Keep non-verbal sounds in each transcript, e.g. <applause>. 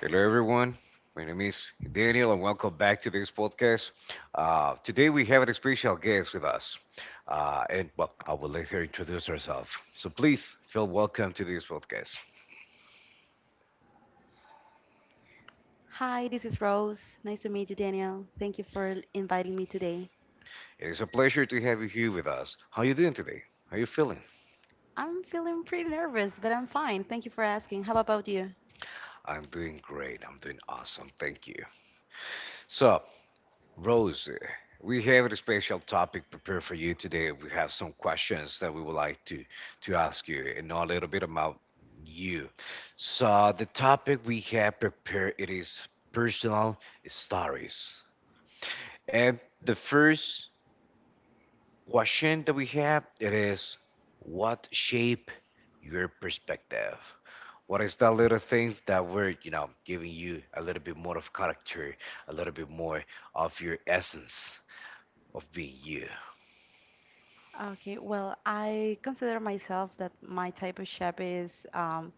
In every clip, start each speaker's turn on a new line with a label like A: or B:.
A: Hello, everyone. My name is Daniel, and welcome back to this podcast. Today, we have an special guest with us, and well, I will let her introduce herself. So, please feel welcome to this podcast.
B: Hi, this is Rose. Nice to meet you, Daniel. Thank you for inviting me today.
A: It is a pleasure to have you here with us. How are you doing today? How are you feeling?
B: I'm feeling pretty nervous, but I'm fine. Thank you for asking. How about you?
A: I'm doing great. I'm doing awesome. Thank you. So, Rose, we have a special topic prepared for you today. We have some questions that we would like to ask you and know a little bit about you. So the topic we have prepared it is personal stories. And the first question that we have it is what shape your perspective? What is the little things that were, giving you a little bit more of character, a little bit more of your essence of being you?
B: Okay, well, I consider myself that my type of chef is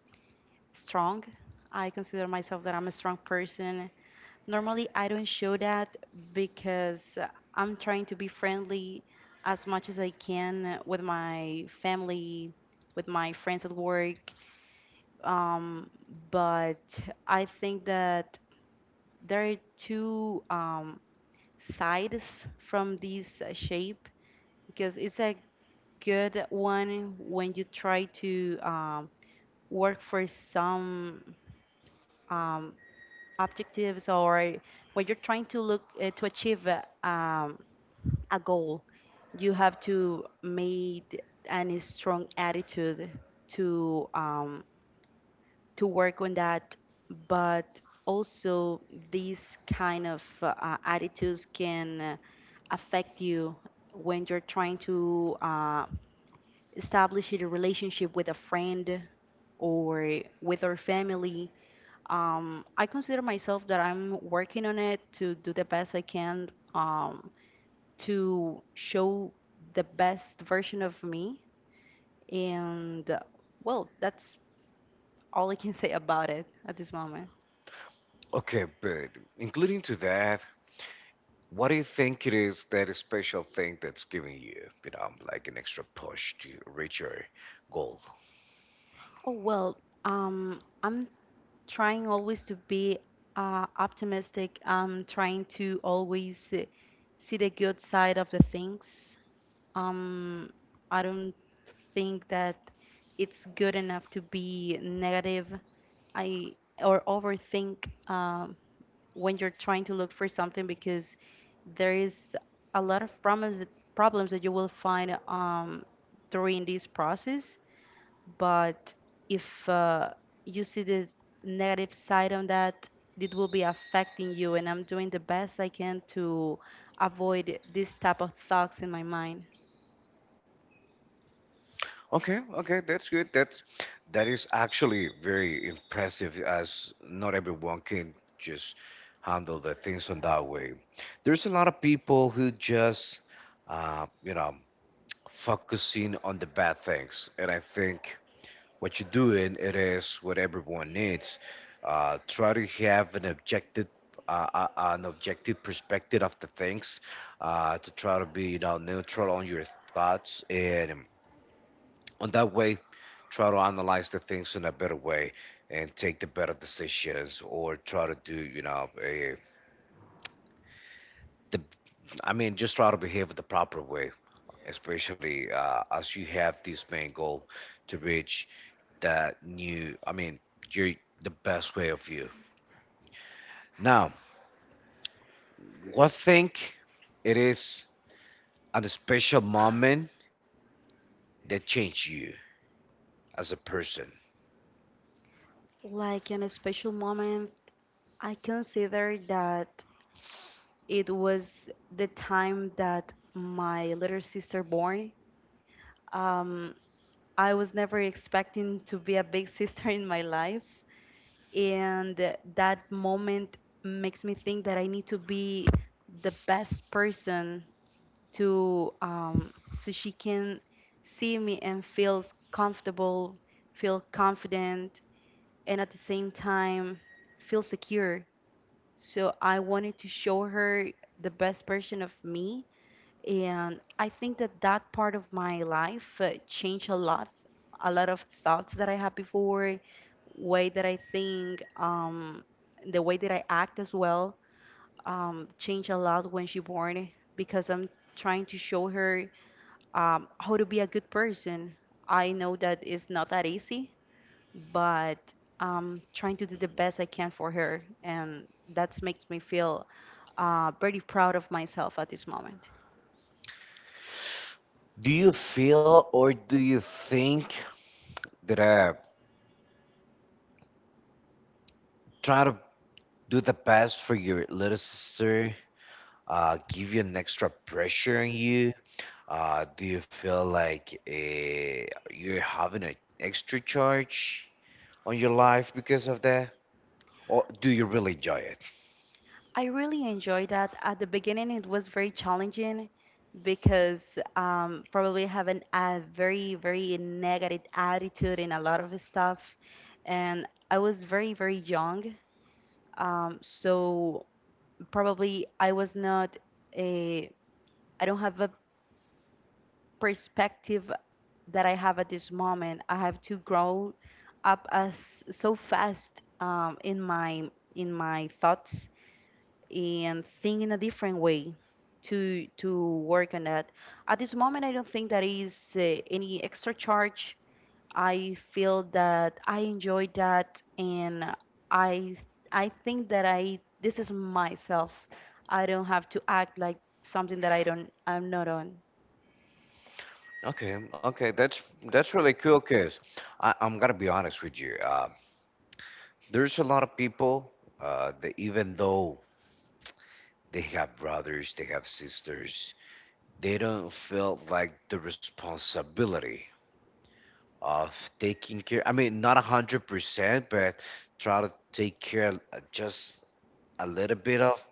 B: strong. I consider myself that I'm a strong person. Normally, I don't show that because I'm trying to be friendly as much as I can with my family, with my friends at work. um, but I think that there are two sides from this shape, because it's a good one when you try to work for some um, objectives, or when you're trying to look to achieve a goal. You have to make an strong attitude to to work on that, but also these kind of attitudes can affect you when you're trying to establish a relationship with a friend or with our family. I consider myself that I'm working on it to do the best I can to show the best version of me, and well, that's all I can <laughs> say about it at this moment.
A: Okay, but including to that, what do you think it is that special thing that's giving you, like an extra push to reach your goal?
B: Oh, well, I'm trying always to be optimistic. I'm trying to always see the good side of the things. Um, I don't think that it's good enough to be negative. I or overthink when you're trying to look for something, because there is a lot of problems that you will find during this process. But if you see the negative side on that, it will be affecting you, and I'm doing the best I can to avoid this type of thoughts in my mind.
A: Okay, okay, that's good. That is actually very impressive as not everyone can just handle the things in that way. There's a lot of people who just uh, you know, focusing on the bad things. And I think what you're doing it is what everyone needs try to have an objective perspective of the things to try to be neutral on your thoughts and on that way try to analyze the things in a better way and take the better decisions or try to do a, the I mean just try to behave the proper way, especially as you have this main goal to reach that new, I mean, you're the best way of you. Now, what think it is a special moment that changed you as a person?
B: Like, in a special moment, I consider that it was the time that my little sister born. Um, i was never expecting to be a big <laughs> sister in my life, and that moment makes me think that I need to be the best person to so she can see me and feels comfortable, feel confident, and at the same time feel secure. So I wanted to show her the best version of me, and I think that that part of my life changed a lot of thoughts that I had before, way that I think, the way that I act as well, changed a lot when she born, because I'm trying to show her how to be a good person. I know that it's not that easy, but I'm trying to do the best I can for her, and that makes me feel pretty proud of myself at this moment.
A: Do you feel or do you think that try to do the best for your little sister give you an extra pressure on you, do you feel like you're having an extra charge on your life because of that, or do you really enjoy it?
B: I really enjoyed that. At the beginning, it was very challenging because probably having a very, very negative attitude in a lot of stuff. And I was very, very young. So probably a, I don't have a perspective that I have at this moment. I have to grow up as so fast, in my thoughts, and think in a different way to work on that. At this moment, I don't think that is any extra charge. I feel that I enjoy that, and I I think that I this is myself. I don't have to act like something that I'm not on.
A: Okay, okay, that's really cool. Cause I'm gonna be honest with you. There's a lot of people that even though they have brothers, they have sisters, they don't feel like the responsibility of taking care. I mean, not 100%, but try to take care, just a little bit of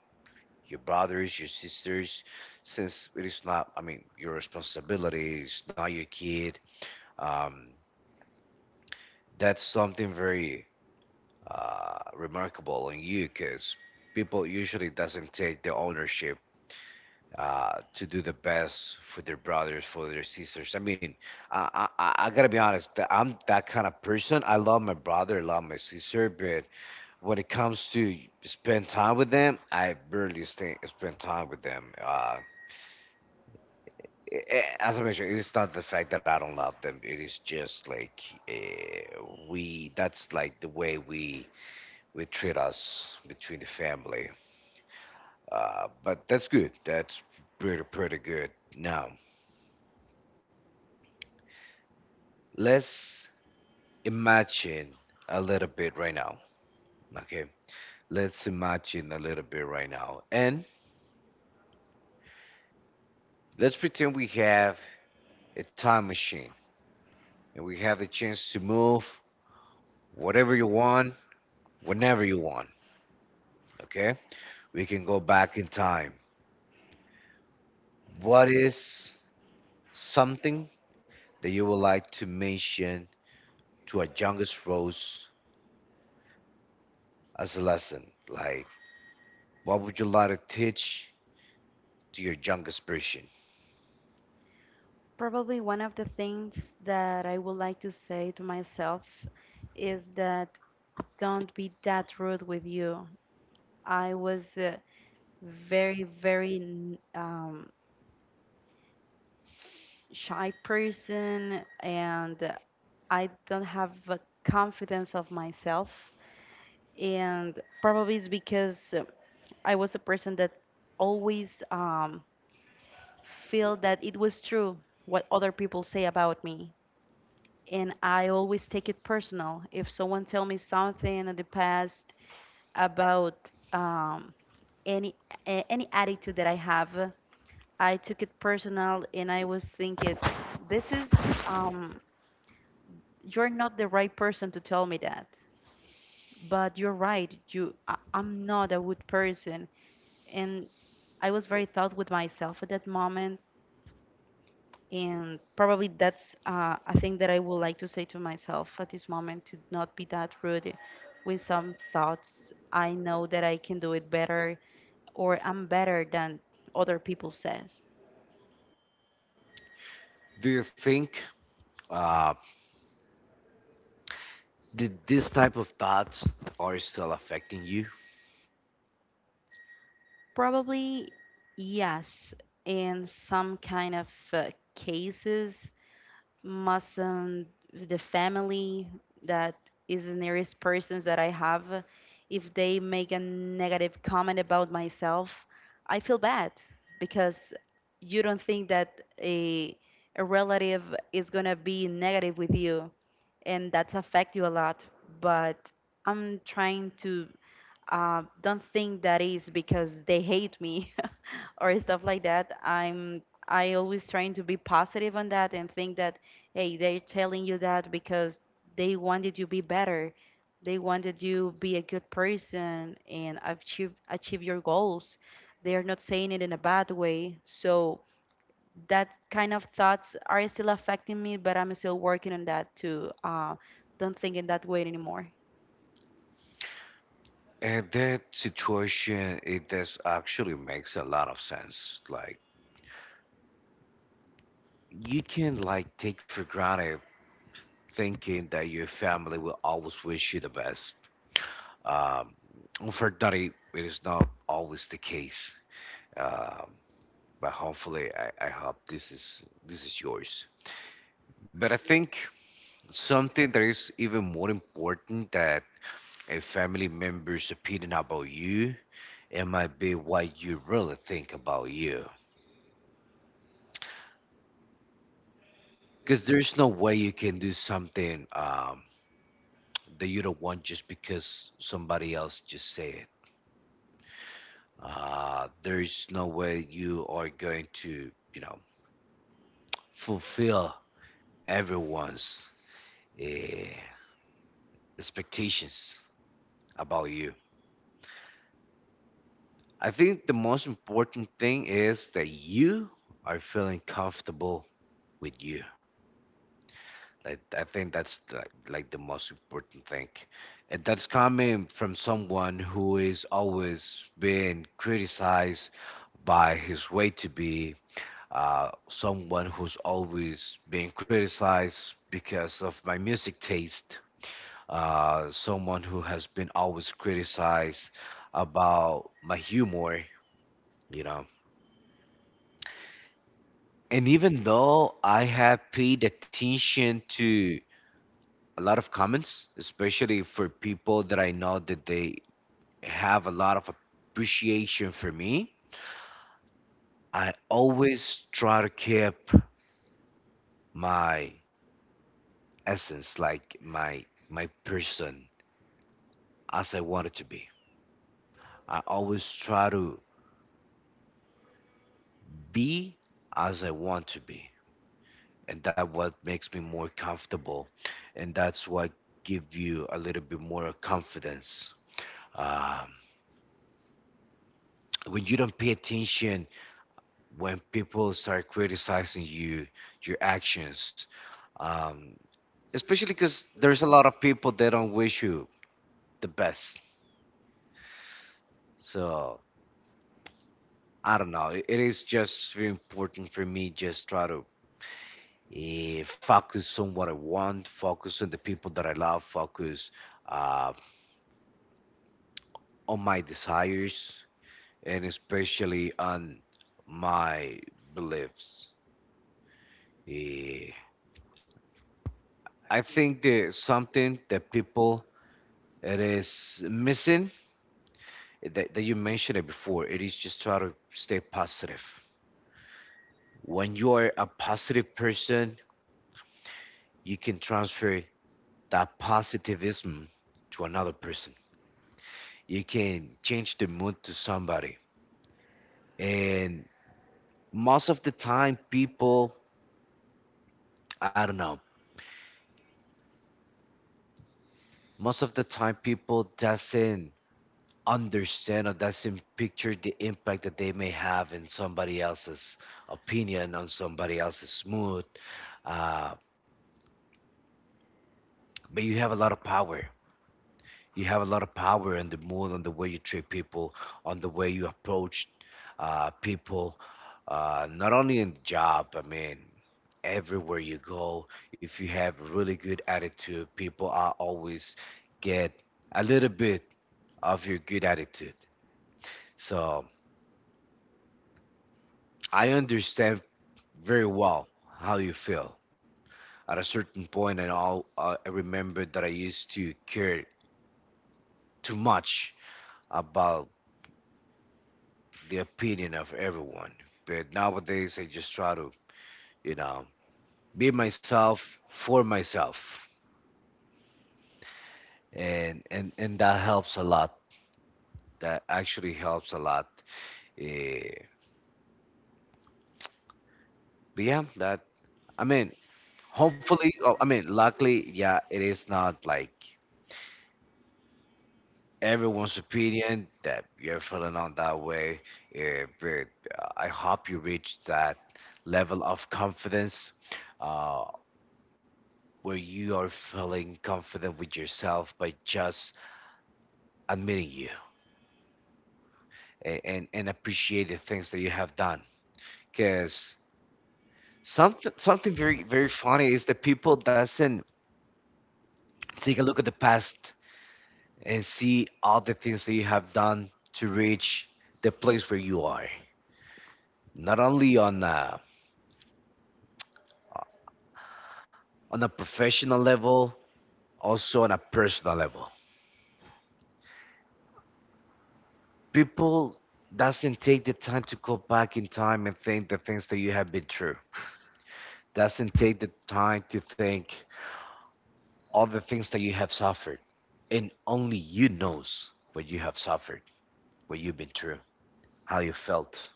A: your brothers, your sisters, since it is not. I mean, your responsibility is not your kid. Um, that's something very remarkable on you because people usually doesn't take the ownership to do the best for their brothers, for their sisters. I mean, I gotta be honest. I'm that kind of person. I love my brother, I love my sister, but when it comes to spend time with them, I barely spend time with them. As I mentioned, it's not the fact that I don't love them. It is just like, uh, we. That's like the way we treat us between the family. But that's good. That's pretty, pretty good. Now, let's imagine a little bit right now. Okay. Let's imagine a little bit right now. And let's pretend we have a time machine and we have the chance to move whatever you want, whenever you want. Okay. We can go back in time. What is something that you would like to mention to a youngest Rose as a lesson? Like, what would you like to teach to your youngest version.
B: Probably one of the things that I would like to say to myself is that don't be that rude with you. I was very, very shy person, and I don't have a confidence of myself. And probably it's because I was a person that always feel that it was true what other people say about me. And I always take it personal. If someone tell me something in the past about any any attitude that I have, I took it personal and I was thinking, this is, um, you're not the right person to tell me that. But you're right, I'm not a wood person. And I was very thought with myself at that moment. And probably that's a thing that I would like to say to myself at this moment, to not be that rude with some thoughts. I know that I can do it better, or I'm better than other people says.
A: Do you think uh, these type of thoughts are still affecting you?
B: Probably yes. In some kind of cases, must the family, that is the nearest persons that I have, if they make a negative comment about myself, I feel bad, because you don't think that a a relative is gonna be negative with you, and that's affect you a lot. But I'm trying to don't think that is because they hate me <laughs> or stuff like that. I always trying to be positive on that, and think that, hey, they're telling you that because they wanted you to be better. They wanted you be a good person and achieve your goals. They are not saying it in a bad way. So that kind of thoughts are still affecting me, but I'm still working on that to don't think in that way anymore.
A: And that situation, it does actually makes a lot of sense. Like you can like take for granted thinking that your family will always wish you the best. Um, unfortunately, it is not always the case. Um, but hopefully, I hope this is yours. But I think something that is even more important that a family member's opinion about you, it might be what you really think about you. Because there's no way you can do something that you don't want just because somebody else just said it. There's no way you are going to, fulfill everyone's eh, expectations about you. I think the most important thing is that you are feeling comfortable with you. I think that's like the most important thing. And that's coming from someone who is always being criticized by his way to be, someone who's always being criticized because of my music taste, someone who has been always criticized about my humor, you know. And even though I have paid attention to a lot of comments, especially for people that I know that they have a lot of appreciation for me. I always try to keep my essence, like my person, as I want it to be. I always try to be as I want to be, and that what makes me more comfortable, and that's what give you a little bit more confidence. Um, when you don't pay attention when people start criticizing you, your actions, um, especially because there's a lot of people that don't wish you the best. So I don't know. It is just very important for me just try to focus on what I want, focus on the people that I love, focus uh, on my desires, and especially on my beliefs. Eh, I think there's something that people it is missing that you mentioned it before. It is just try to stay positive. When you are a positive person, you can transfer that positivism to another person, you can change the mood to somebody. And most of the time people, I don't know, most of the time people doesn't understand or doesn't picture the impact that they may have in somebody else's opinion, on somebody else's mood. Uh, but you have a lot of power. You have a lot of power in the mood, on the way you treat people, on the way you approach people, not only in the job, I mean, everywhere you go. If you have a really good attitude, people are always get a little bit of your good attitude. So I understand very well how you feel. At a certain point, and all, I remember that I used to care too much about the opinion of everyone. But nowadays, I just try to, you know, be myself for myself, and and that helps a lot. That actually helps a lot. Eh, but yeah, that, I mean, hopefully, oh, I mean, luckily, yeah, it is not like everyone's opinion that you're feeling on that way. But I hope you reach that level of confidence, Uh, where you are feeling confident with yourself by just admitting you, and appreciate the things that you have done. Because something very very funny is that people doesn't take a look at the past and see all the things that you have done to reach the place where you are. Not only on a professional level, also on a personal level. People doesn't take the time to go back in time and think the things that you have been through, doesn't take the time to think all the things that you have suffered, and only you knows what you have suffered, what you've been through, how you felt.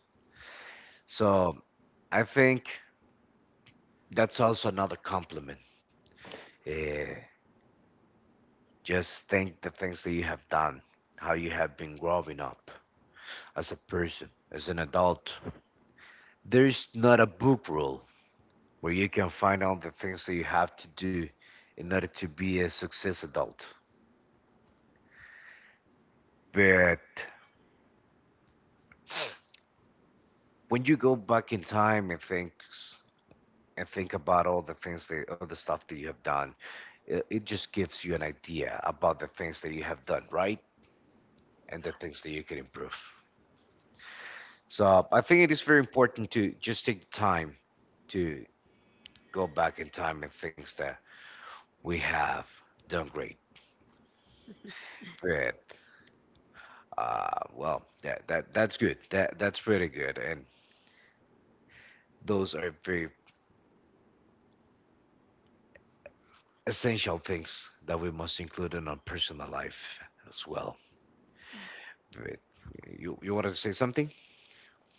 A: So I think that's also another compliment. Eh, just think the things that you have done, how you have been growing up as a person, as an adult. There's not a book rule where you can find all the things that you have to do in order to be a success adult. But when you go back in time and think about all the things, that all the stuff that you have done, it just gives you an idea about the things that you have done right and the things that you can improve. So I think it is very important to just take time to go back in time and things that we have done great good, uh, well, that that's good, that that's pretty good. And those are very essential things that we must include in our personal life as well. Wait, you wanted to say something?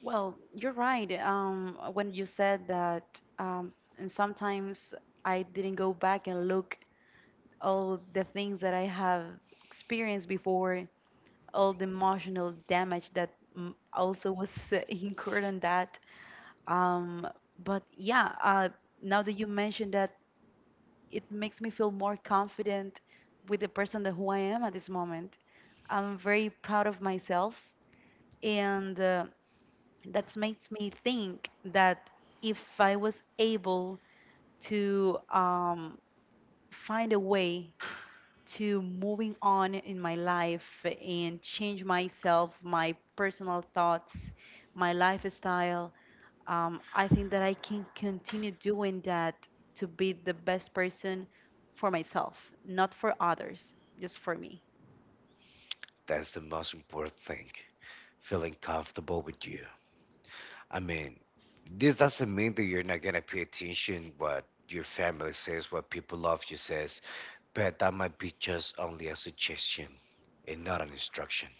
B: Well, you're right. When you said that, and sometimes I didn't go back and look all the things that I have experienced before, all the emotional damage that also was <laughs> incurred on that. Um, but yeah, now that you mentioned that, it makes me feel more confident with the person that who I am at this moment. I'm very proud of myself, and that makes me think that if I was able to find a way to moving on in my life and change myself, my personal thoughts, my lifestyle, I think that I can continue doing that to be the best person for myself, not for others, just for me.
A: That's the most important thing. Feeling comfortable with you. I mean, this doesn't mean that you're not gonna pay attention what your family says, what people love you says, but that might be just only a suggestion and not an instruction.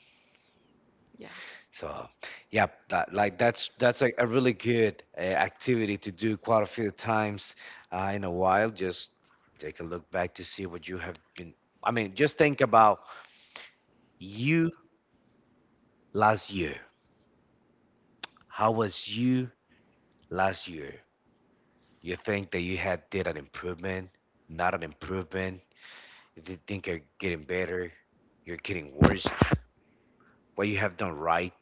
B: Yeah.
A: So, yeah, that, like that's a really good activity to do quite a few times in a while. Just take a look back to see what you have been. I mean, just think about you last year. How was you last year? You think that you had did an improvement, not an improvement? If you think you're getting better, you're getting worse, what you have done right,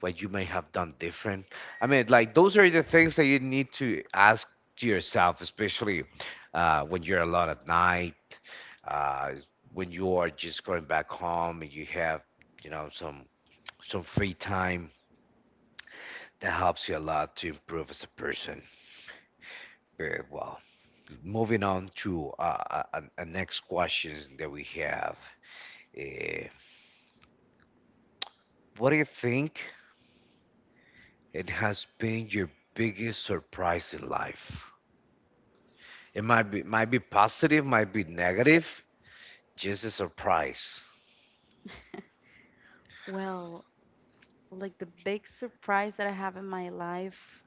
A: what you may have done different. I mean, like those are the things that you need to ask to yourself, especially when you're alone at night, uh, when you are just going back home and you have, you know, some some free time. That helps you a lot to improve as a person. Very well. Moving on to next questions that we have. Uh, what do you think it has been your biggest surprise in life? It might be positive, might be negative. Just a surprise,
B: Well, like the big surprise that I have in my life.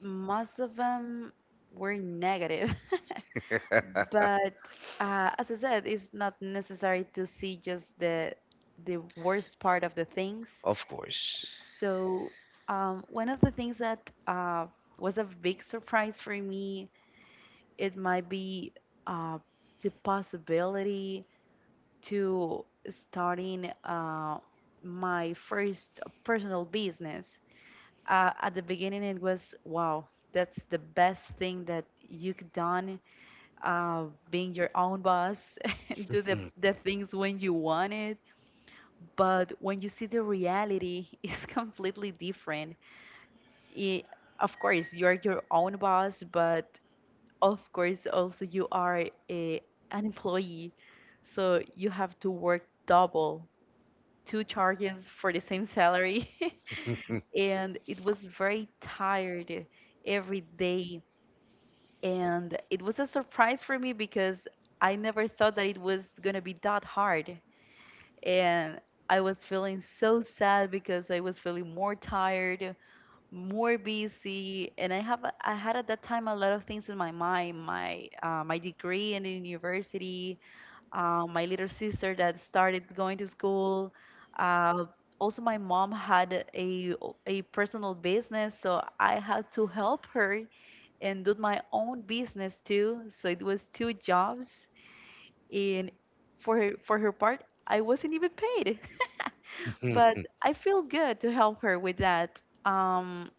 B: Most of them were negative. <laughs> But as I said, it's not necessary to see just the worst part of the things.
A: <laughs> of course.
B: So one of the things that was a big surprise for me, it might be uh, the possibility to starting my first personal business. At the beginning, it was, wow, that's the best thing that you could done, uh, being your own boss, <laughs> do the,
A: <laughs>
B: the things when you want it. But when you see the reality, <laughs> it's completely different. I Of course you are your own boss, but of course also you are a, an employee, so you have to work double, two charges for the same salary, <laughs> and it was very tired every day. And it was a surprise for me, because I never thought that it was going to be that hard. And I was feeling so sad, because I was feeling more tired, more busy, and I had at that time a lot of things in my mind, my degree in the university, my little sister that started going to school. Uh, also, my mom had a personal business, so I had to help her and do my own business too. So it was two jobs, and for her, part, I wasn't even paid, <laughs> but I feel good to help her with that. Um,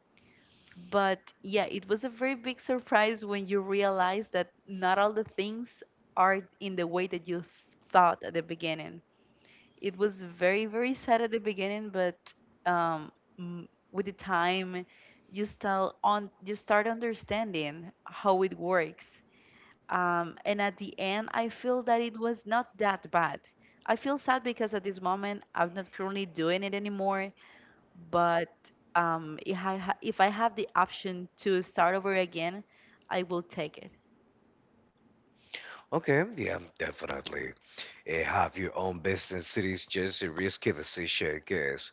B: but yeah, it was a very big surprise when you realize that not all the things are in the way that you thought. At the beginning it was very very sad, at the beginning, but um with the time, you start understanding how it works, and at the end I feel that it was not that bad. I feel sad because at this moment I'm not currently doing it anymore, but if I have the option to start over again, I will take it.
A: Okay, yeah, definitely. Have your own business. It is just a risky decision, I guess.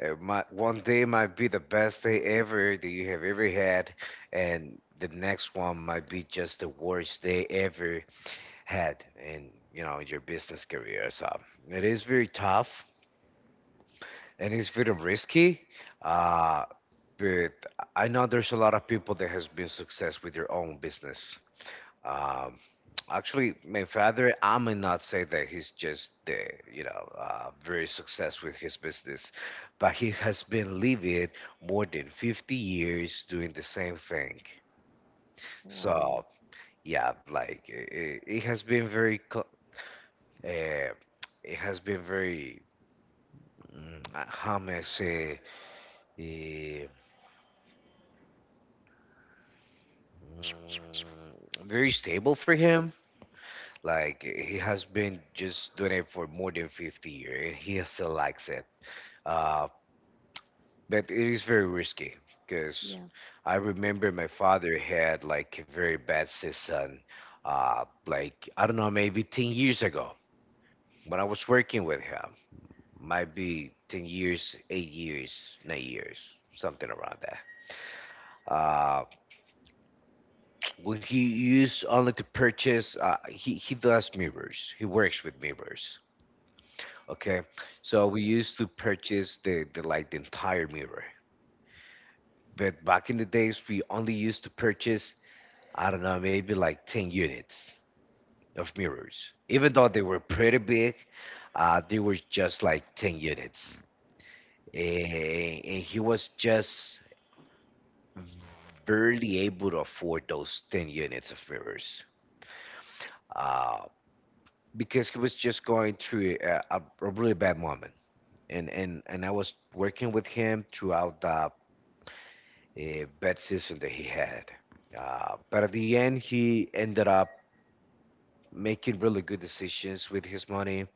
A: It might, one day might be the best day ever that you have ever had, and the next one might be just the worst day ever had in your business career. So it is very tough and it's very risky. Uh, but I know there's a lot of people that has been success with their own business. Um, Actually, my father, I might not say that he's just the very successful with his business, but he has been living more than 50 years doing the same thing.
B: Wow.
A: So yeah, like it has been uh, very, how may I say, eh, mm, very stable for him. Like he has been just doing it for more than 50 years, and he still likes it. Uh, but it is very risky because
B: Yeah.
A: I remember my father had like a very bad season, like I don't know, maybe 10 years ago when I was working with him. Might be 10 years, 8 years, 9 years, something around that. Uh, when he used only to purchase, he does mirrors, he works with mirrors. Okay, so we used to purchase the like the entire mirror, but back in the days we only used to purchase I don't know, maybe like 10 units of mirrors. Even though they were pretty big, they were just like 10 units. And he was just barely able to afford those 10 units of mirrors uh, because he was just going through a really bad moment. And I was working with him throughout the bad season that he had. But at the end, he ended up making really good decisions with his money.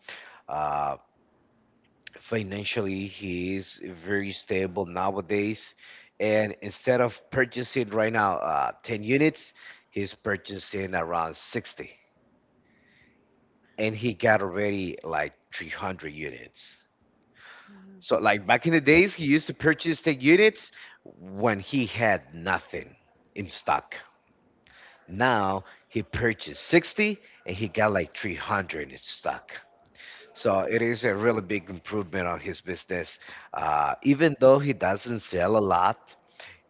A: Uh, Financially, he is very stable nowadays. And instead of purchasing right now 10 units, he's purchasing around 60. And he got already like 300 units. So,
B: Mhm.
A: like back in the days, he used to purchase the units when he had nothing in stock. Now he purchased 60 and he got like 300 in stock. So it is a really big improvement on his business. Even though he doesn't sell a lot,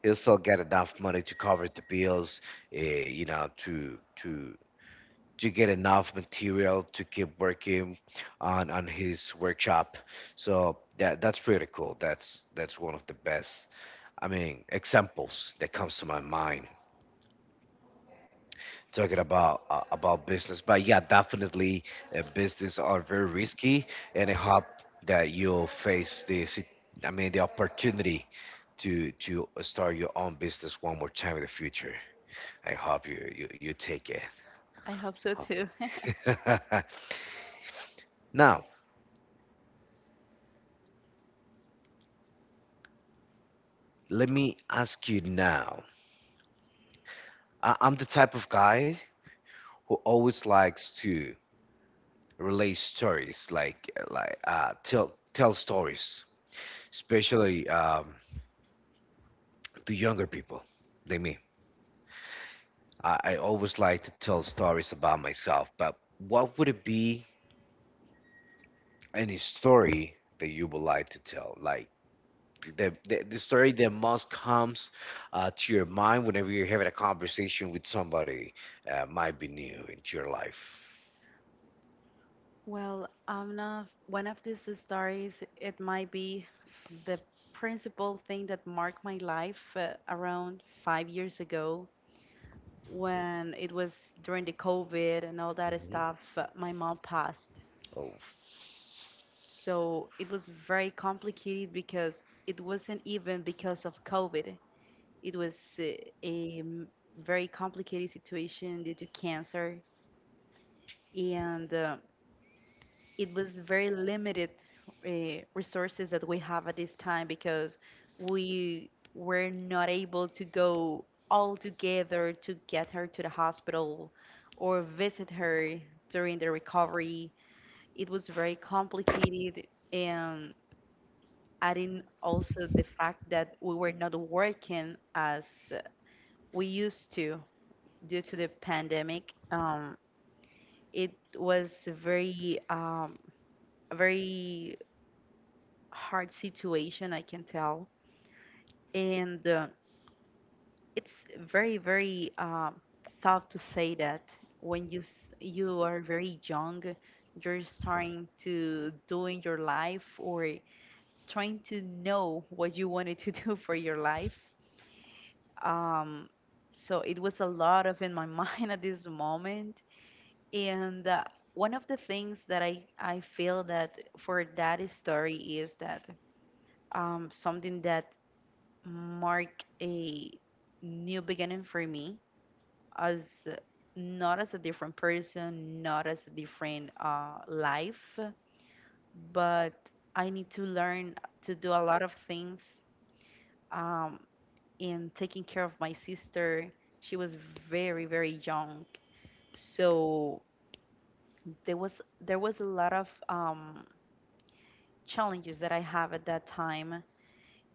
A: he'll still get enough money to cover the bills. Uh, you know, to to to get enough material to keep working on his workshop. So that's pretty cool. That's one of the best, I mean, examples that comes to my mind. Talking about business. But yeah, definitely business are very risky, and I hope that you'll face the sit- I mean the opportunity to start your own business one more time in the future. I hope you take it.
B: I hope so
A: Hope-
B: too. <laughs>
A: <laughs> Now let me ask you. Now I'm the type of guy who always likes to relay stories, like tell tell stories especially to younger people than me. I always like to tell stories about myself, but what would it be any story that you would like to tell? Like the story that most comes to your mind whenever you're having a conversation with somebody might be new into your life.
B: Well, I one of these stories. It might be the principal thing that marked my life, around 5 years ago, when it was during the COVID and all that
A: Mhm.
B: stuff. My mom passed.
A: Oh,
B: So it was very complicated, because it wasn't even because of COVID. It was a very complicated situation due to cancer. And it was very limited uh, resources that we have at this time, because we were not able to go all together to get her to the hospital or visit her during the recovery. It was very complicated, and adding also the fact that we were not working as we used to due to the pandemic. It was very very hard situation, I can tell. And it's very, very tough to say that when you are very young, you're starting to doing your life or trying to know what you wanted to <laughs> do for your life. Um, so it was a lot of in my <laughs> mind at this moment. And one of the things that I feel that for that story is that something that mark a new beginning for me as not as a different person, not as a different life, but I need to learn to do a lot of things um, in taking care of my sister. She was very, very young. So there was a lot of challenges that I have at that time.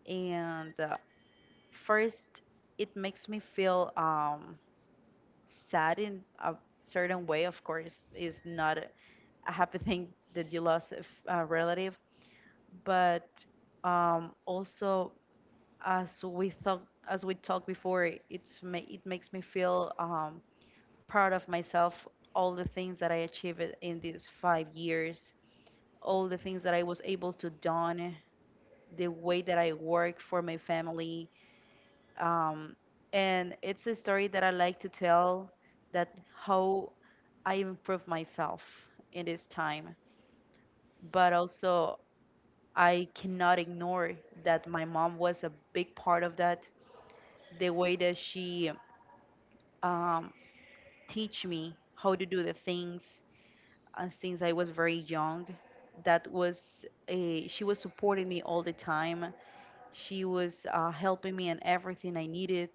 B: And first, it makes me feel sad in a certain way, of course, is not a happy thing that you lost a, a relative, but also as we thought, as we talked before, it makes me feel proud of myself, all the things that I achieved in these 5 years, all the things that I was able to done, the way that I work for my family, um, and it's a story that I like to tell that how I improve myself in this time, but also I cannot ignore that my mom was a big part of that. The way that she um, teach me how to do the things since I was very young, that was a she was supporting me all the time. She was helping me in everything I needed,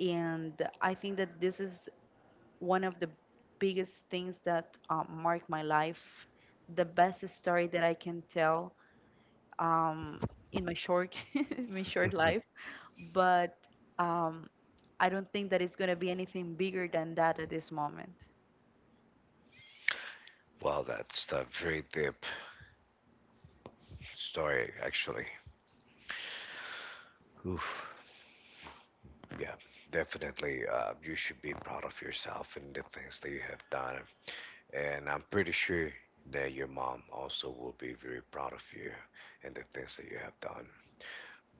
B: and I think that this is one of the biggest things that marked my life, the best story that I can tell um, in my short <laughs> in my short life.
A: <laughs>
B: But um, I don't think that it's gonna be anything bigger than that at this moment.
A: well, that's a very deep story, actually. Oof. Yeah, definitely. You should be proud of yourself and the things that you have done. And I'm pretty sure that your mom also will be very proud of you and the things that you have done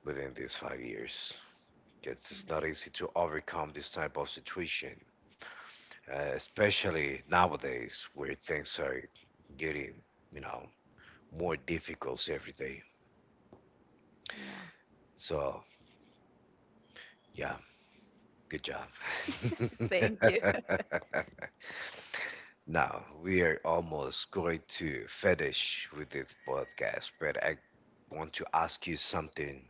A: within these 5 years. It's not easy to overcome this type of situation, especially nowadays where things are getting, you know, more difficult every day.
B: Yeah,
A: So, yeah, good job.
B: thank you.
A: <laughs>
B: <laughs>
A: Now, we are almost going to finish with this podcast, but I want to ask you something.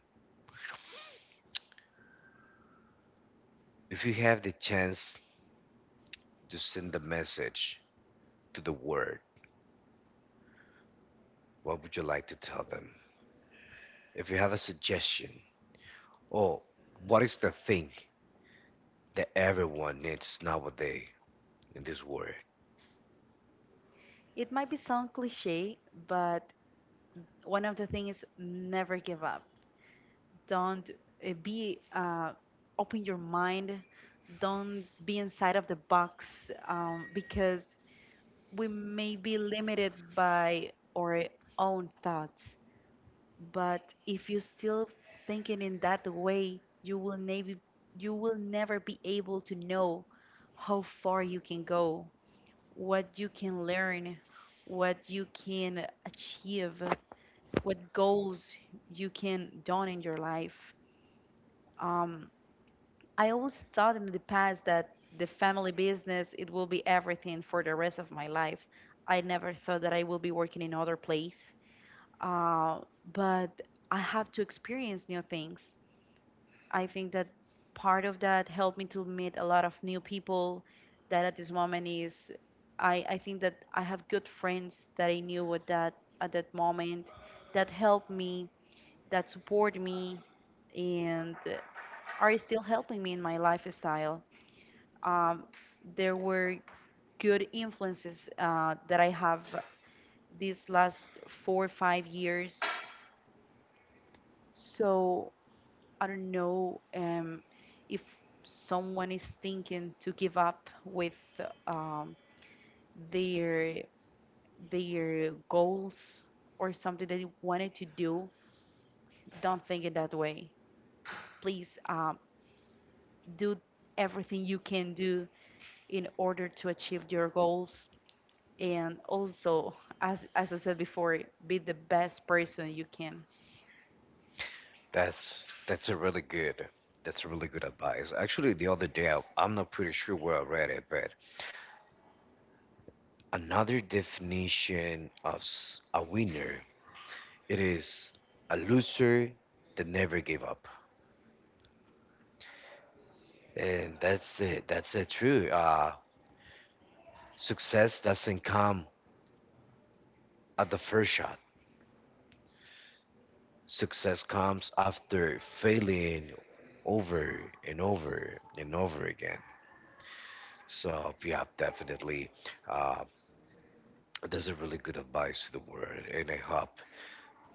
A: If you have the chance to send a message to the world, what would you like to tell them? If you have a suggestion, or what is the thing that everyone needs nowadays in this world?
B: It might be sound cliche, but one of the things is never give up. Don't be open your mind. Don't be inside of the box because we may be limited by our own thoughts, but if you still thinking in that way, you will never be able to know how far you can go, what you can learn, what you can achieve, what goals you can done in your life. Um, I always thought in the past that the family business it will be everything for the rest of my life. I never thought that I will be working in other place. Uh, but I have to experience new things. I think that part of that helped me to meet a lot of new people that at this moment is I think that I have good friends that I knew at that moment that helped me, that support me, and are still helping me in my lifestyle, um, there were good influences that I have these last 4 or 5 years. So I don't know if someone is thinking to give up with um, their goals or something that you wanted to do. Don't think it that way. Please, do everything you can do in order to achieve your goals. And also, as I said before, be the best person you can.
A: That's that's a really good that's a really good advice. Actually, the other day I'm not pretty sure where I read it, but another definition of a winner, it is a loser that never gave up. And that's it. That's it. True. Success doesn't come at the first shot. Success comes after failing over and over and over again. So yeah, definitely. Uh, that's a really good advice to the world, and I hope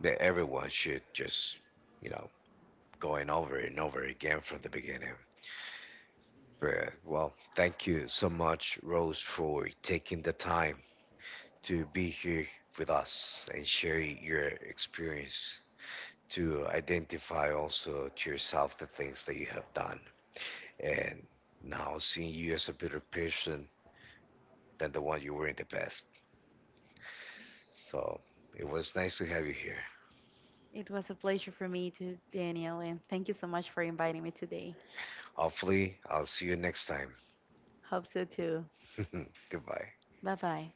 A: that everyone should just, you know, going over and over again from the beginning. But well, thank you so much, Rose, for taking the time to be here with us and share your experience to identify also to yourself the things that you have done and now seeing you as a better person than the one you were in the past. So it was nice to have you here.
B: It was a pleasure for me to Daniel, and thank you so much for inviting me today.
A: Hopefully, I'll see you next time.
B: Hope so too.
A: <laughs> Goodbye.
B: Bye bye.